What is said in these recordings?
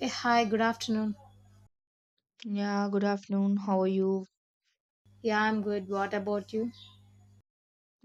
Hi, good afternoon. Yeah, good afternoon. How are you? Yeah, I'm good. What about you?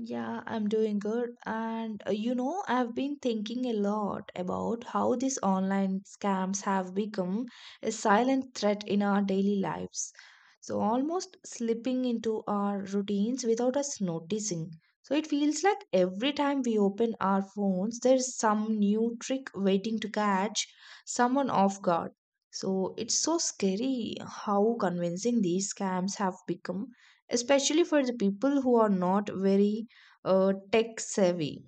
Yeah, I'm doing good. And I've been thinking a lot about how these online scams have become a silent threat in our daily lives. So, almost slipping into our routines without us noticing. So, it feels like every time we open our phones, there's some new trick waiting to catch someone off guard. So, it's so scary how convincing these scams have become, especially for the people who are not very tech savvy.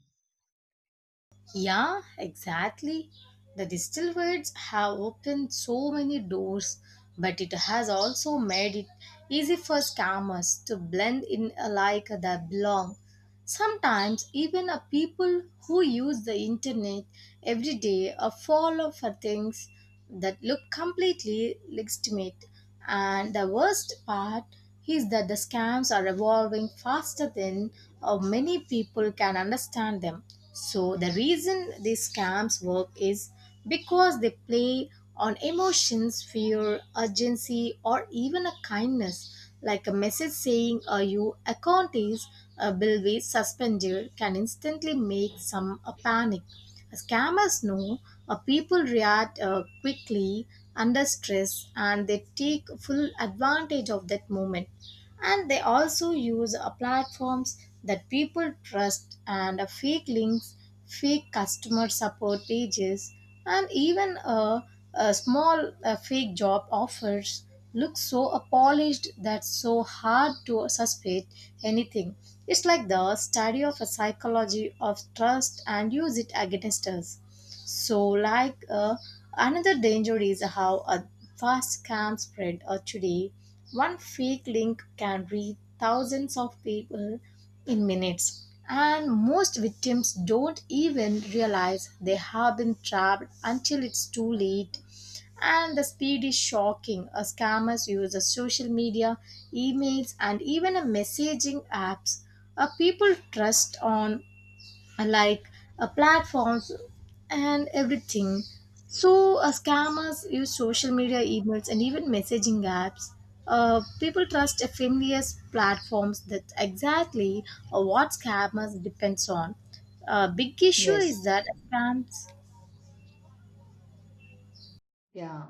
Yeah, exactly. The distilled words have opened so many doors, but it has also made it easy for scammers to blend in like they belong. Sometimes even a people who use the internet every day are fall for things that look completely legitimate. And the worst part is that the scams are evolving faster than many people can understand them. So, the reason these scams work is because they play on emotions, fear, urgency, or even a kindness, like a message saying your account is bill be suspended can instantly make some panic. Scammers know people react quickly under stress, and they take full advantage of that moment. And they also use platforms that people trust and fake links, fake customer support pages, and even a small fake job offers look so polished that so hard to suspect anything. It's like the study of a psychology of trust and use it against us. So, another danger is how a fast scam spread. Or today, one fake link can reach thousands of people in minutes. And most victims don't even realize they have been trapped until it's too late. And the speed is shocking. Scammers use the social media, emails, and even messaging apps. People trust on uh, like platforms and everything. So, scammers use social media, emails, and even messaging apps. People trust a familiar platforms that exactly what scammers depends on. Big issue is Yes, that scams. yeah.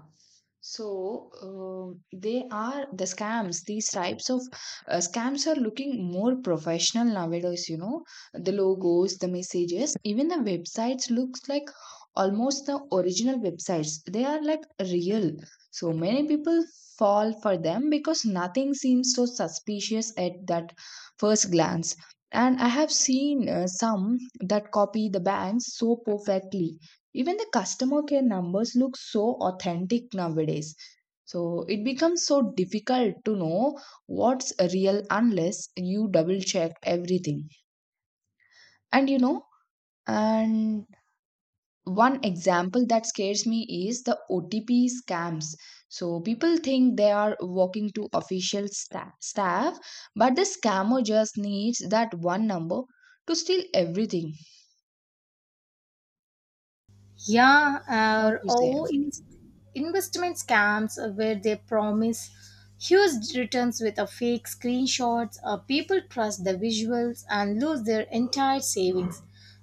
So they are the scams. These types of scams are looking more professional nowadays. You know, the logos, the messages, even the websites looks like almost the original websites. They are like real. So many people fall for them because nothing seems so suspicious at that first glance. And I have seen some that copy the banks so perfectly. Even the customer care numbers look so authentic nowadays. So it becomes so difficult to know what's real unless you double check everything. And you know, and one example that scares me is the OTP scams. So people think they are walking to official staff, but the scammer just needs that one number to steal everything. Yeah, What you say? Investment scams where they promise huge returns with a fake screenshots. People trust the visuals and lose their entire savings.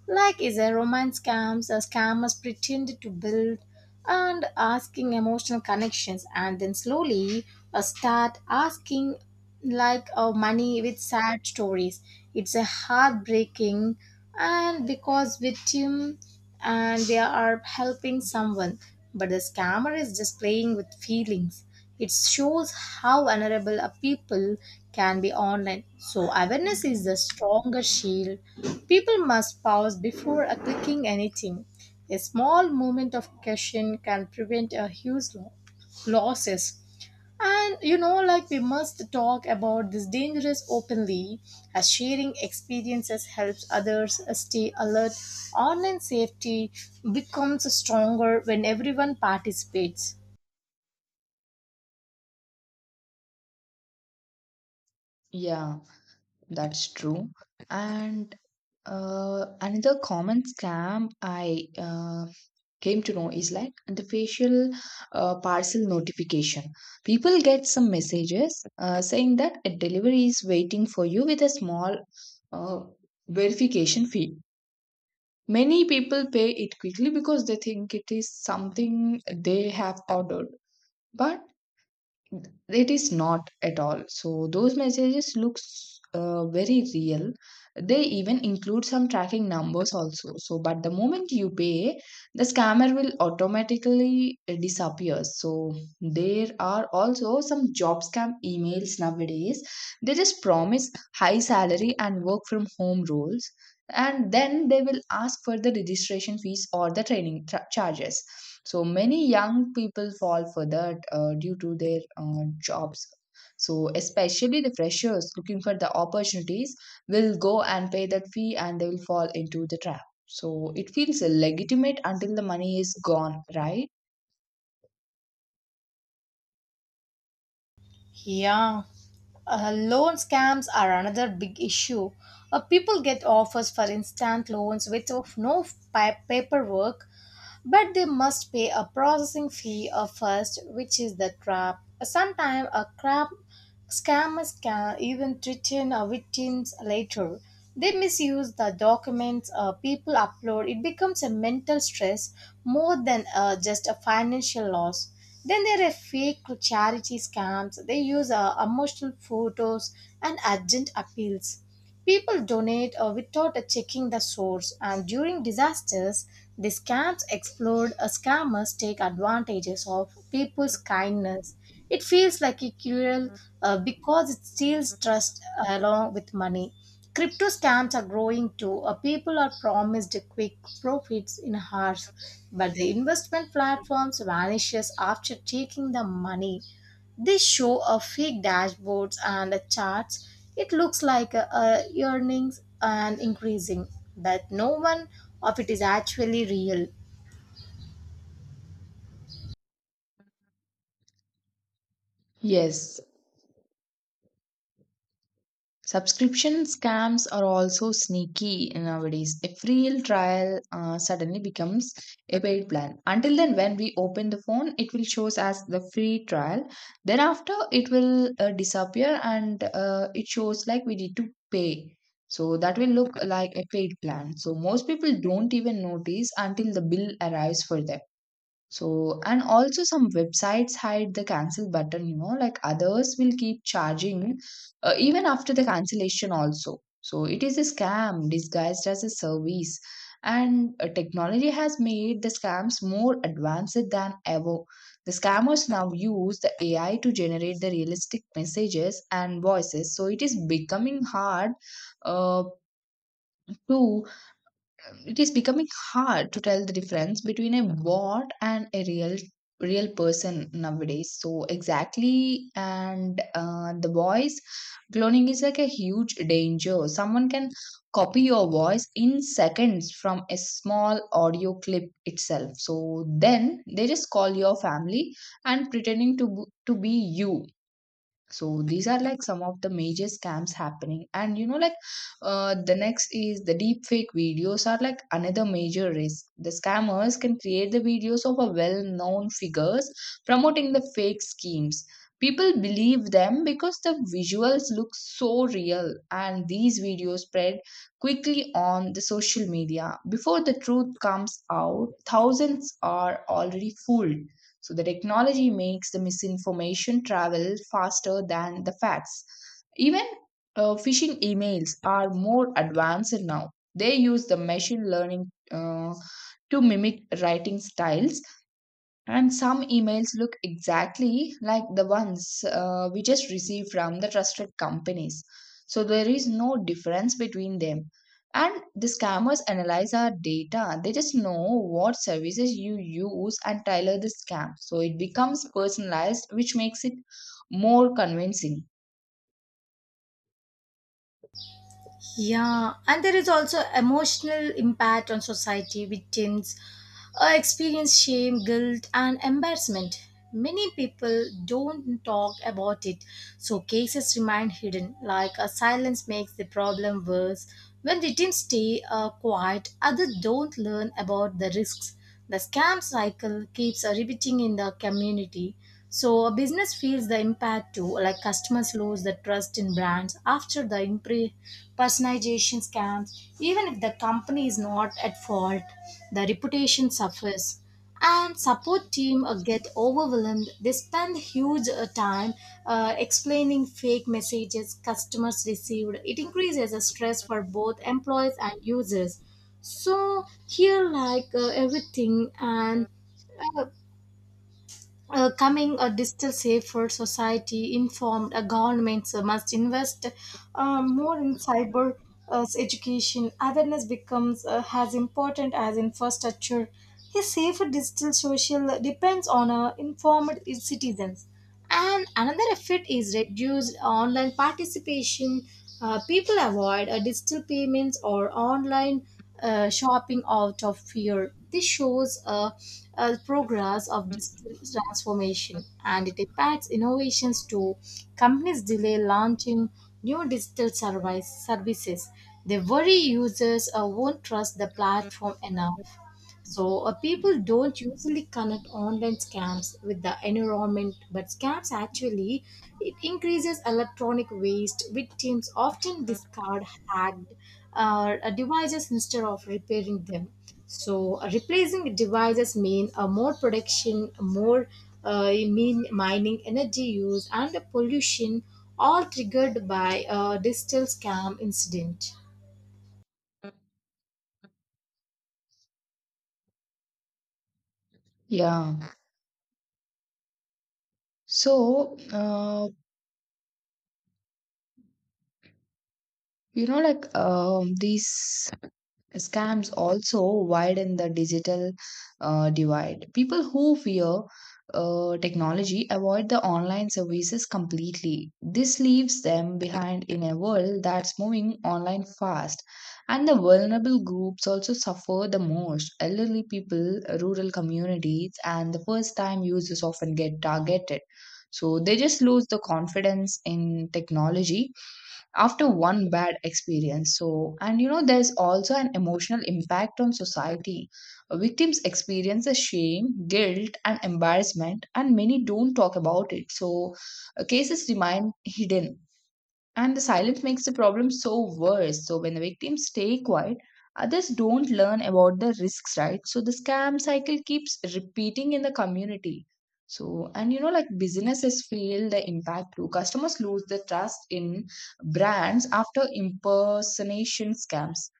Like is a romance scams, scammers pretend to build and asking emotional connections, and then slowly start asking money with sad stories. It's a heartbreaking, and because victim and they are helping someone, but the scammer is just playing with feelings. It shows how vulnerable a people can be online. So, awareness is the stronger shield. People must pause before clicking anything. A small moment of caution can prevent a huge losses. And you know, like we must talk about this dangerous openly, as sharing experiences helps others stay alert. Online safety becomes stronger when everyone participates. Yeah. That's true. And another common scam I came to know is like the facial parcel notification. People get some messages saying that a delivery is waiting for you with a small uh, verification fee. Many people pay it quickly because they think it is something they have ordered. But it is not at all. So those messages looks very real. They even include some tracking numbers also. So but the moment you pay, the scammer will automatically disappear. So there are also some job scam emails nowadays. They just promise high salary and work from home roles, and then they will ask for the registration fees or the training charges. So many young people fall for that due to their jobs. So especially the freshers looking for the opportunities will go and pay that fee and they will fall into the trap. So it feels legitimate until the money is gone, right? Yeah, loan scams are another big issue. People get offers for instant loans with no paperwork, but they must pay a processing fee first, which is the trap. Sometimes a crap scammers can even threaten victims later. They misuse the documents people upload. It becomes a mental stress more than just a financial loss. Then there are fake charity scams. They use emotional photos and urgent appeals. People donate without checking the source, and during disasters, the scams explode. Scammers take advantages of people's kindness. It feels like a cruel because it steals trust along with money. Crypto scams are growing too. People are promised quick profits in hours, but the investment platforms vanishes after taking the money. They show a fake dashboards and a charts. It looks like a earnings and increasing, but no one of it is actually real. Yes. Subscription scams are also sneaky nowadays. A free trial suddenly becomes a paid plan. Until then, when we open the phone, it will shows as the free trial. Then after, it will disappear and it shows like we need to pay. So that will look like a paid plan. So most people don't even notice until the bill arrives for them. So, and also some websites hide the cancel button, you know, like others will keep charging even after the cancellation also. So, it is a scam disguised as a service. And technology has made the scams more advanced than ever. The scammers now use the AI to generate the realistic messages and voices. So, uh, to it is becoming hard to tell the difference between a bot and a real person nowadays. So exactly. And the voice cloning is like a huge danger. Someone can copy your voice in seconds from a small audio clip itself. So then they just call your family and pretending to be you. So these are like some of the major scams happening. And you know, like the next is the deep fake videos are like another major risk. The scammers can create the videos of a well known figures promoting the fake schemes. People believe them because the visuals look so real, and these videos spread quickly on the social media. Before the truth comes out, thousands are already fooled. So the technology makes the misinformation travel faster than the facts. Even phishing emails are more advanced now. They use the machine learning to mimic writing styles, and some emails look exactly like the ones we just received from the trusted companies. So there is no difference between them. And the scammers analyze our data. They just know what services you use and tailor the scam. So it becomes personalized, which makes it more convincing. Yeah, and there is also emotional impact on society. Victims experience shame, guilt, and embarrassment. Many people don't talk about it, so cases remain hidden. Like a silence makes the problem worse. When victims stay quiet, others don't learn about the risks. The scam cycle keeps repeating in the community. So a business feels the impact too, like customers lose the trust in brands after the personalization scams. Even if the company is not at fault, the reputation suffers. And support team get overwhelmed. They spend huge time explaining fake messages customers received. It increases the stress for both employees and users. So here, everything, and uh, coming a digital safer society, informed governments must invest more in cyber education. Awareness becomes as important as infrastructure. A safer digital social depends on informed citizens. And another effect is reduced online participation. People avoid digital payments or online shopping out of fear. This shows progress of digital transformation, and it impacts innovations too. Companies delay launching new services. They worry users won't trust the platform enough. So people don't usually connect online scams with the environment, but scams actually it increases electronic waste. Victims often discard hacked devices instead of repairing them. So replacing devices mean more production, more mean mining, energy use, and pollution, all triggered by a digital scam incident. Yeah. So, uh, these Scams also widen the digital divide. People who fear technology avoid the online services completely. This leaves them behind in a world that's moving online fast. And the vulnerable groups also suffer the most. Elderly people, rural communities, and the first time users often get targeted. So they just lose the confidence in technology after one bad experience. So and you know, there's also an emotional impact on society. Victims experience a shame, guilt and embarrassment, and many don't talk about it. So cases remain hidden and the silence makes the problem so worse. So when the victims stay quiet, others don't learn about the risks, right? So the scam cycle keeps repeating in the community. So and you know, like businesses feel the impact too. Customers lose the trust in brands after impersonation scams.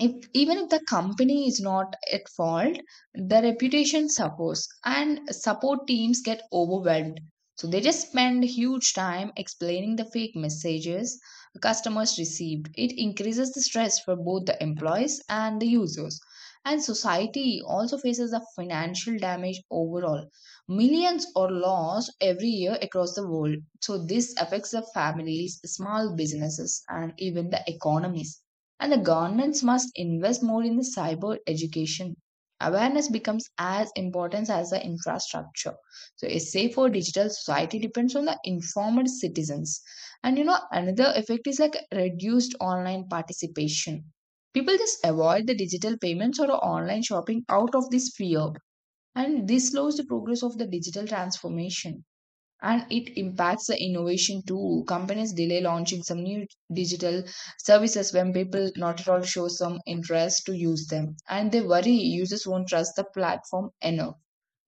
If even if the company is not at fault, the reputation suffers and support teams get overwhelmed. So they just spend huge time explaining the fake messages customers received. It increases the stress for both the employees and the users, and society also faces the financial damage overall. Millions are lost every year across the world. So this affects the families, small businesses and even the economies, and the governments must invest more in the cyber education. Awareness becomes as important as the infrastructure. So, a safer digital society depends on the informed citizens. And you know, another effect is like reduced online participation. People just avoid the digital payments or online shopping out of this fear, and this slows the progress of the digital transformation and it impacts the innovation too. Companies delay launching some new digital services when people not at all show some interest to use them, and they worry users won't trust the platform enough,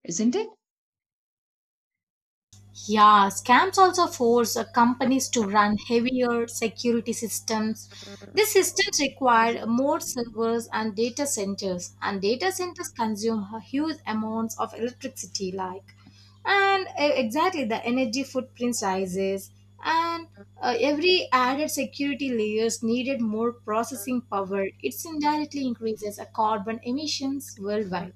isn't it? Yeah, scams also force companies to run heavier security systems. These systems require more servers and data centers consume huge amounts of electricity, like, and exactly the energy footprint rises, and every added security layers needed more processing power. It indirectly increases carbon emissions worldwide.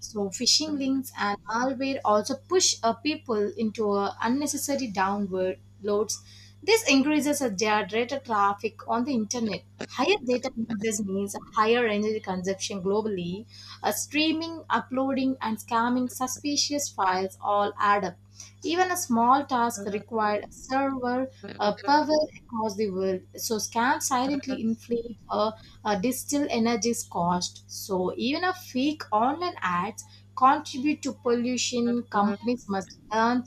So phishing links and malware also push people into unnecessary downward loads. This increases their data traffic on the internet. Higher data usage means higher energy consumption globally. Streaming, uploading, and scamming suspicious files all add up. Even a small task required server power across the world. So scams silently inflate a digital energy's cost. So even a fake online ads contribute to pollution. Companies must learn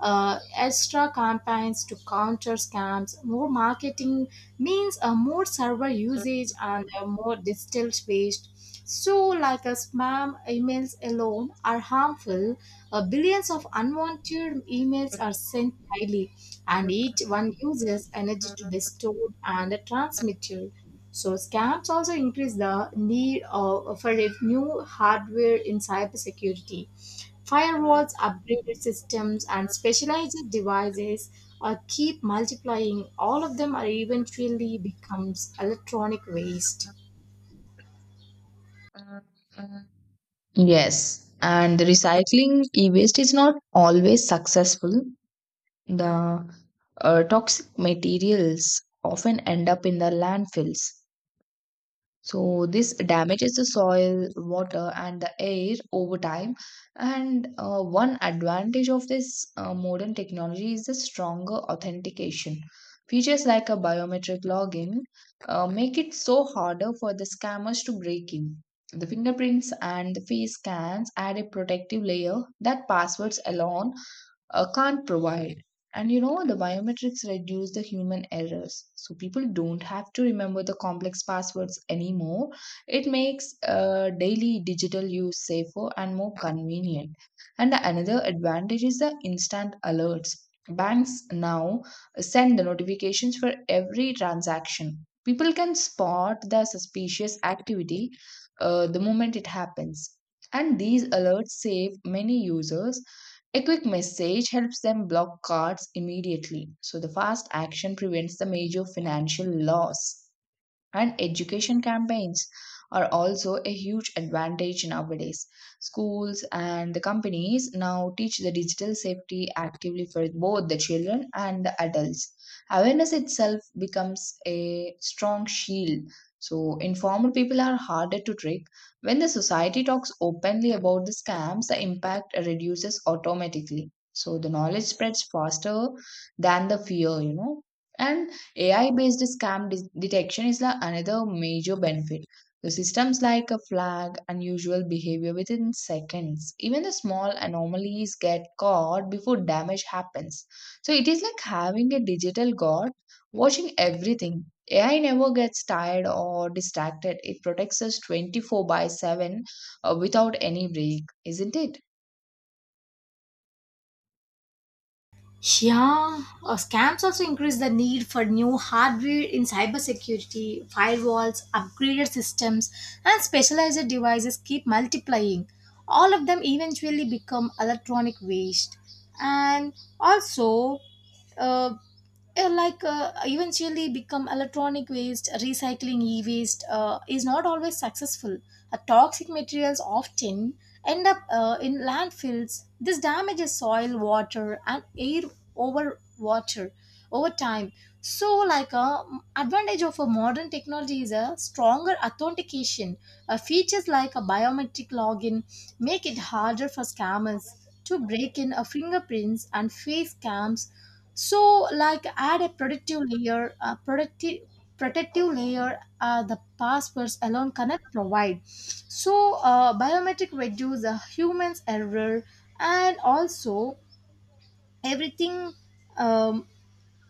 extra campaigns to counter scams. More marketing means a more server usage and a more digital waste. So, like a spam emails alone are harmful, billions of unwanted emails are sent daily, and each one uses energy to be stored and transmitted. So, scams also increase the need for a new hardware in cybersecurity. Firewalls, upgraded systems, and specialized devices are keep multiplying. All of them are eventually becomes electronic waste. Yes, and recycling e-waste is not always successful. The toxic materials often end up in the landfills. So this damages the soil, water, and the air over time. And one advantage of this modern technology is the stronger authentication. Features like a biometric login make it so harder for the scammers to break in. The fingerprints and the face scans add a protective layer that passwords alone can't provide. And you know, the biometrics reduce the human errors. So people don't have to remember the complex passwords anymore. It makes daily digital use safer and more convenient. And the another advantage is the instant alerts. Banks now send the notifications for every transaction. People can spot the suspicious activity the moment it happens. And these alerts save many users. A quick message helps them block cards immediately, so the fast action prevents the major financial loss. And education campaigns are also a huge advantage nowadays. Schools and the companies now teach the digital safety actively for both the children and the adults. Awareness itself becomes a strong shield. So, informed people are harder to trick. When the society talks openly about the scams, the impact reduces automatically. So, the knowledge spreads faster than the fear, you know. And AI based detection is another major benefit. The systems like a flag unusual behavior within seconds. Even the small anomalies get caught before damage happens. So it is like having a digital guard watching everything. AI never gets tired or distracted. It protects us 24 by 7 without any break, isn't it? Yeah, scams also increase the need for new hardware in cybersecurity, firewalls, upgraded systems, and specialized devices keep multiplying. All of them eventually become electronic waste. And also, uh, eventually become electronic waste. Recycling e-waste is not always successful. Toxic materials often end up in landfills. This damages soil, water, and air over water over time. So like a advantage of a modern technology is a stronger authentication. Features like a biometric login make it harder for scammers to break in a fingerprints and face scams. So like add a protective layer, a protective layer the passwords alone cannot provide. So biometric reduce the humans error, and also everything, um,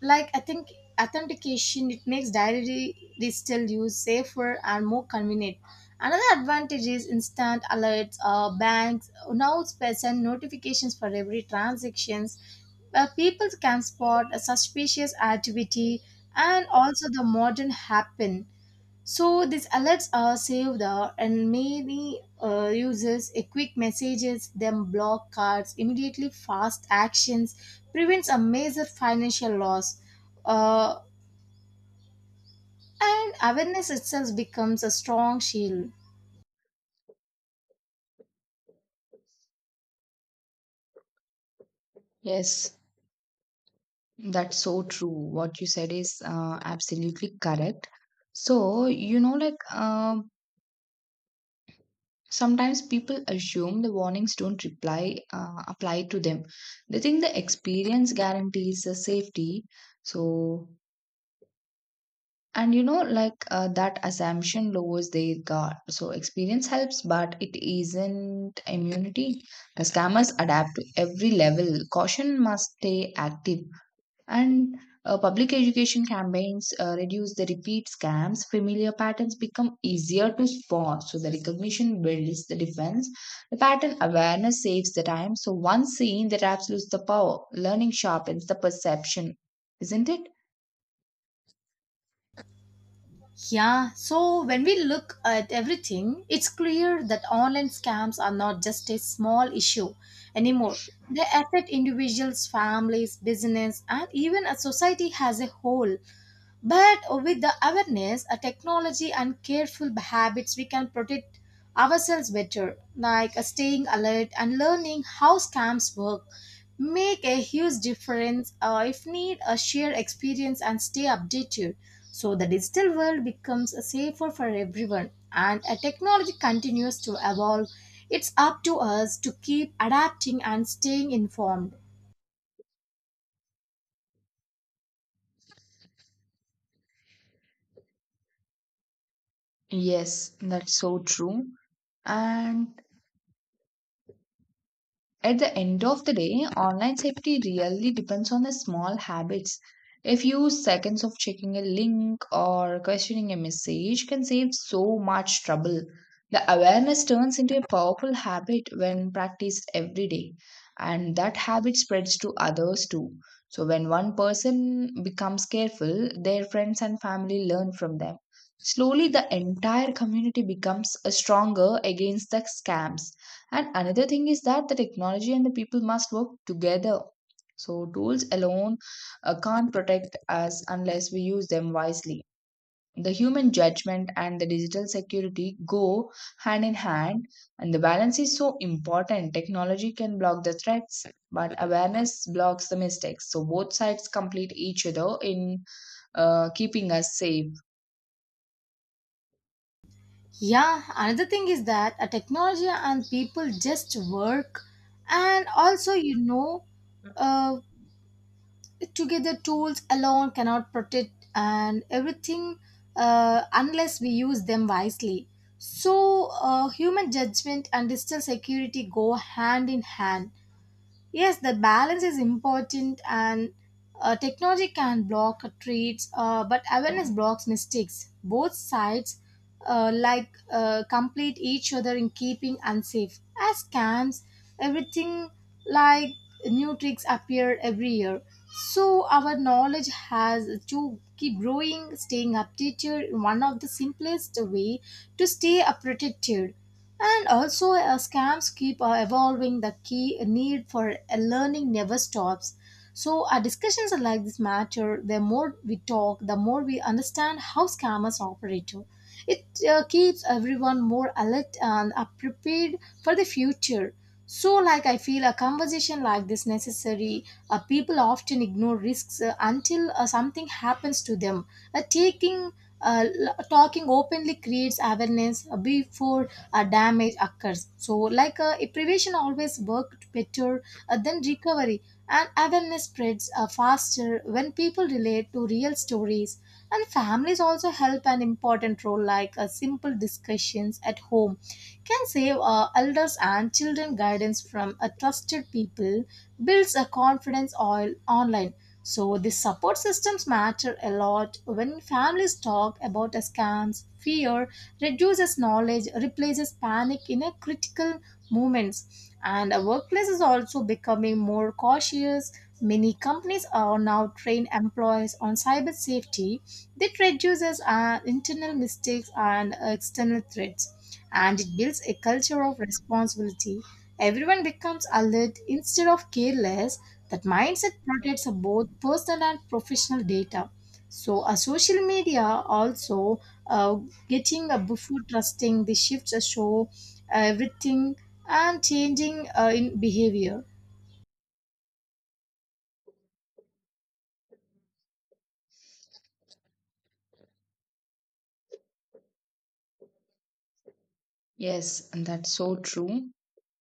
like I think authentication, it makes diary digital use safer and more convenient. Another advantage is instant alerts. Banks now send notifications for every transactions. People can spot a suspicious activity and also the modern happen. So these alerts are saved and many users a quick messages them block cards immediately. Fast actions prevents a major financial loss uh, and awareness itself becomes a strong shield. Yes. That's so true. What you said is absolutely correct. So, you know, like sometimes people assume the warnings don't reply apply to them. They think the experience guarantees the safety. So, and you know, like that assumption lowers their guard. So, experience helps, but it isn't immunity. The scammers adapt to every level. Caution must stay active. And public education campaigns reduce the repeat scams. Familiar patterns become easier to spot. So the recognition builds the defense. The pattern awareness saves the time. So once seen, the traps lose the power. Learning sharpens the perception, isn't it? Yeah, so when we look at everything, it's clear that online scams are not just a small issue anymore. They affect individuals, families, business, and even a society as a whole. But with the awareness, a technology, and careful habits, we can protect ourselves better, like staying alert and learning how scams work. Make a huge difference if need a share experience and stay updated. So the digital world becomes safer for everyone, and a technology continues to evolve. It's up to us to keep adapting and staying informed. Yes, that's so true. And at the end of the day, online safety really depends on the small habits. A few seconds of checking a link or questioning a message can save so much trouble. The awareness turns into a powerful habit when practiced every day, and that habit spreads to others too. So, when one person becomes careful, their friends and family learn from them. Slowly, the entire community becomes stronger against the scams. And another thing is that the technology and the people must work together. So, tools alone can't protect us unless we use them wisely. The human judgment and the digital security go hand in hand, and the balance is so important. Technology can block the threats, but awareness blocks the mistakes. So, both sides complete each other in keeping us safe. Yeah, another thing is that a technology and people just work, and also you know, uh, together tools alone cannot protect and everything unless we use them wisely. So, human judgment and digital security go hand in hand. Yes, the balance is important, and technology can block treats, but awareness blocks mistakes. Both sides complete each other in keeping unsafe. As scams, everything, like, new tricks appear every year. So our knowledge has to keep growing, staying updated. One of the simplest way to stay protected. And also, scams keep evolving. The key need for learning never stops. So, our discussions are like this matter. The more we talk, the more we understand how scammers operate too. It keeps everyone more alert and prepared for the future. So, like I feel a conversation like this necessary. People often ignore risks until something happens to them. Uh, taking Talking openly creates awareness before damage occurs. So, a prevention always worked better than recovery, and awareness spreads faster when people relate to real stories. And families also help an important role, like simple discussions at home can save elders and children. Guidance from a trusted people builds a confidence oil online. So the support systems matter a lot. When families talk about a scams, fear reduces, knowledge replaces panic in a critical movements. And a workplace is also becoming more cautious. Many companies are now trained employees on cyber safety. That reduces internal mistakes and external threats, and it builds a culture of responsibility. Everyone becomes alert instead of careless. That mindset protects both personal and professional data. So social media also, uh, getting a before trusting the shifts show everything and changing in behavior. Yes, and that's so true.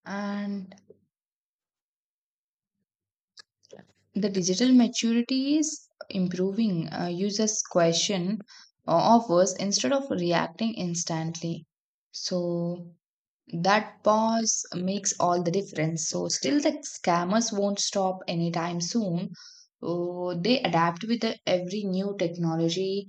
And the digital maturity is improving. Users question offers instead of reacting instantly, so that pause makes all the difference. So still the scammers won't stop anytime soon. Oh, they adapt with every new technology.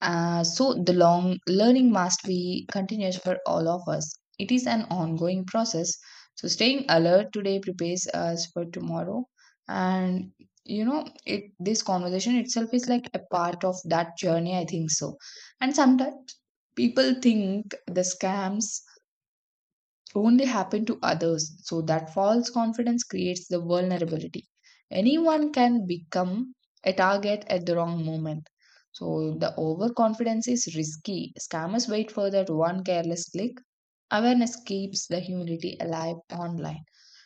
So the long learning must be continuous for all of us. It is an ongoing process. So staying alert today prepares us for tomorrow. And you know, it this conversation itself is like a part of that journey, I think so. And sometimes people think the scams only happen to others. So that false confidence creates the vulnerability. Anyone can become a target at the wrong moment. So the overconfidence is risky. Scammers wait for that one careless click. Awareness keeps the humility alive online.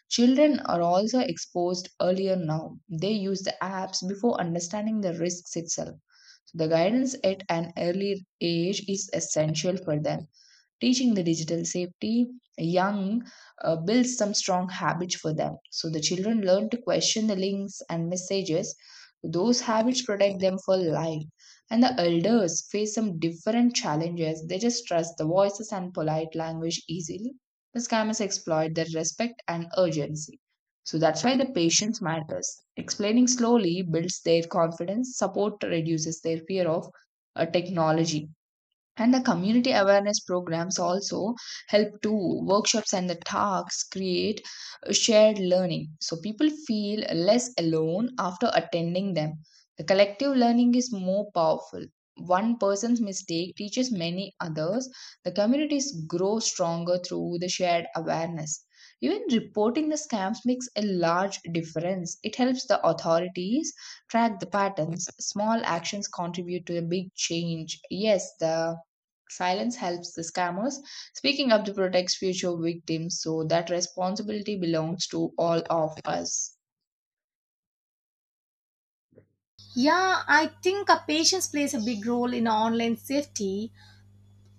Children are also exposed earlier now. They use the apps before understanding the risks itself. So the guidance at an early age is essential for them. Teaching the digital safety young builds some strong habits for them. So the children learn to question the links and messages. Those habits protect them for life. And the elders face some different challenges. They just trust the voices and polite language easily. The scammers exploit their respect and urgency. So that's why the patience matters. Explaining slowly builds their confidence. Support reduces their fear of technology, and the community awareness programs also help to workshops. And the talks create a shared learning, so people feel less alone after attending them. The collective learning is more powerful. One person's mistake teaches many others. The communities grow stronger through the shared awareness. Even reporting the scams makes a large difference. It helps the authorities track the patterns. Small actions contribute to a big change. Yes, the silence helps the scammers. Speaking up to protect future victims, so that responsibility belongs to all of us. Yeah, I think a patience plays a big role in online safety.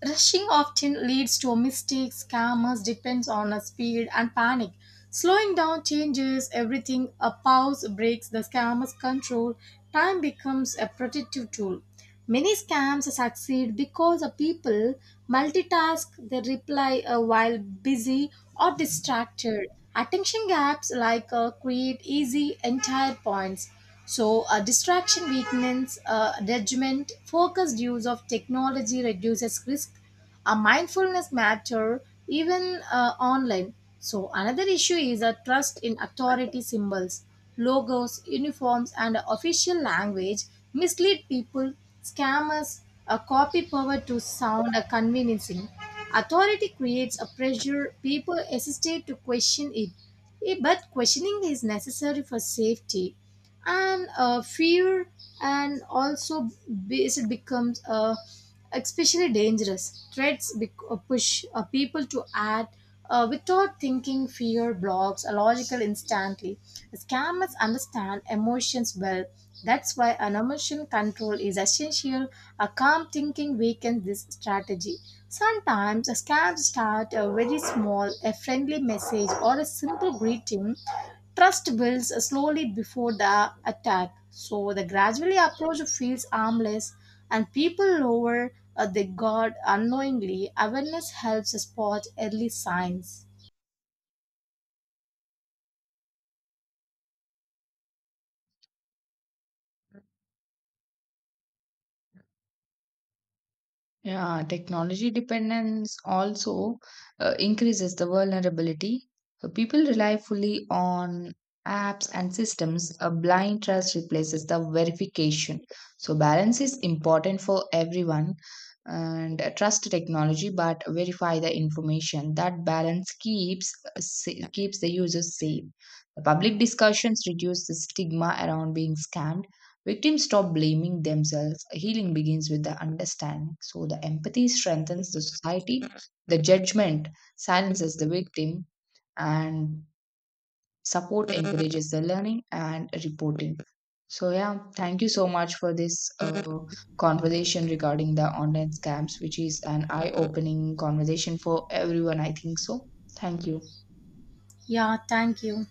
Rushing often leads to mistakes. Scammers depends on a speed and panic. Slowing down changes everything. A pause breaks the scammer's control. Time becomes a protective tool. Many scams succeed because the people multitask. They reply while busy or distracted. Attention gaps create easy entire points. So, distraction weakness judgment. Focused use of technology reduces risk. A mindfulness matter even online. So another issue is a trust in authority symbols. Logos, uniforms, and official language mislead people. Scammers a copy power to sound a conveniencing. Authority creates a pressure. People hesitate to question it. But questioning is necessary for safety. And fear and also it becomes especially dangerous threats push people to act without thinking. Fear blocks a logical instantly. Scammers understand emotions well. That's why an emotion control is essential. A calm thinking weakens this strategy. Sometimes a scams start a very small, a friendly message or a simple greeting. Trust builds slowly before the attack, so the gradually approach feels harmless, and people lower their guard unknowingly. Awareness helps spot early signs. Yeah, technology dependence also increases the vulnerability. So people rely fully on apps and systems. A blind trust replaces the verification. So balance is important for everyone, and trust technology but verify the information. That balance keeps keeps the users safe. The public discussions reduce the stigma around being scammed. Victims stop blaming themselves. Healing begins with the understanding. So the empathy strengthens the society, the judgment silences the victim, and support encourages the learning and reporting. So yeah, thank you so much for this conversation regarding the online scams, which is an eye-opening conversation for everyone, I think so. Thank you. Yeah, thank you.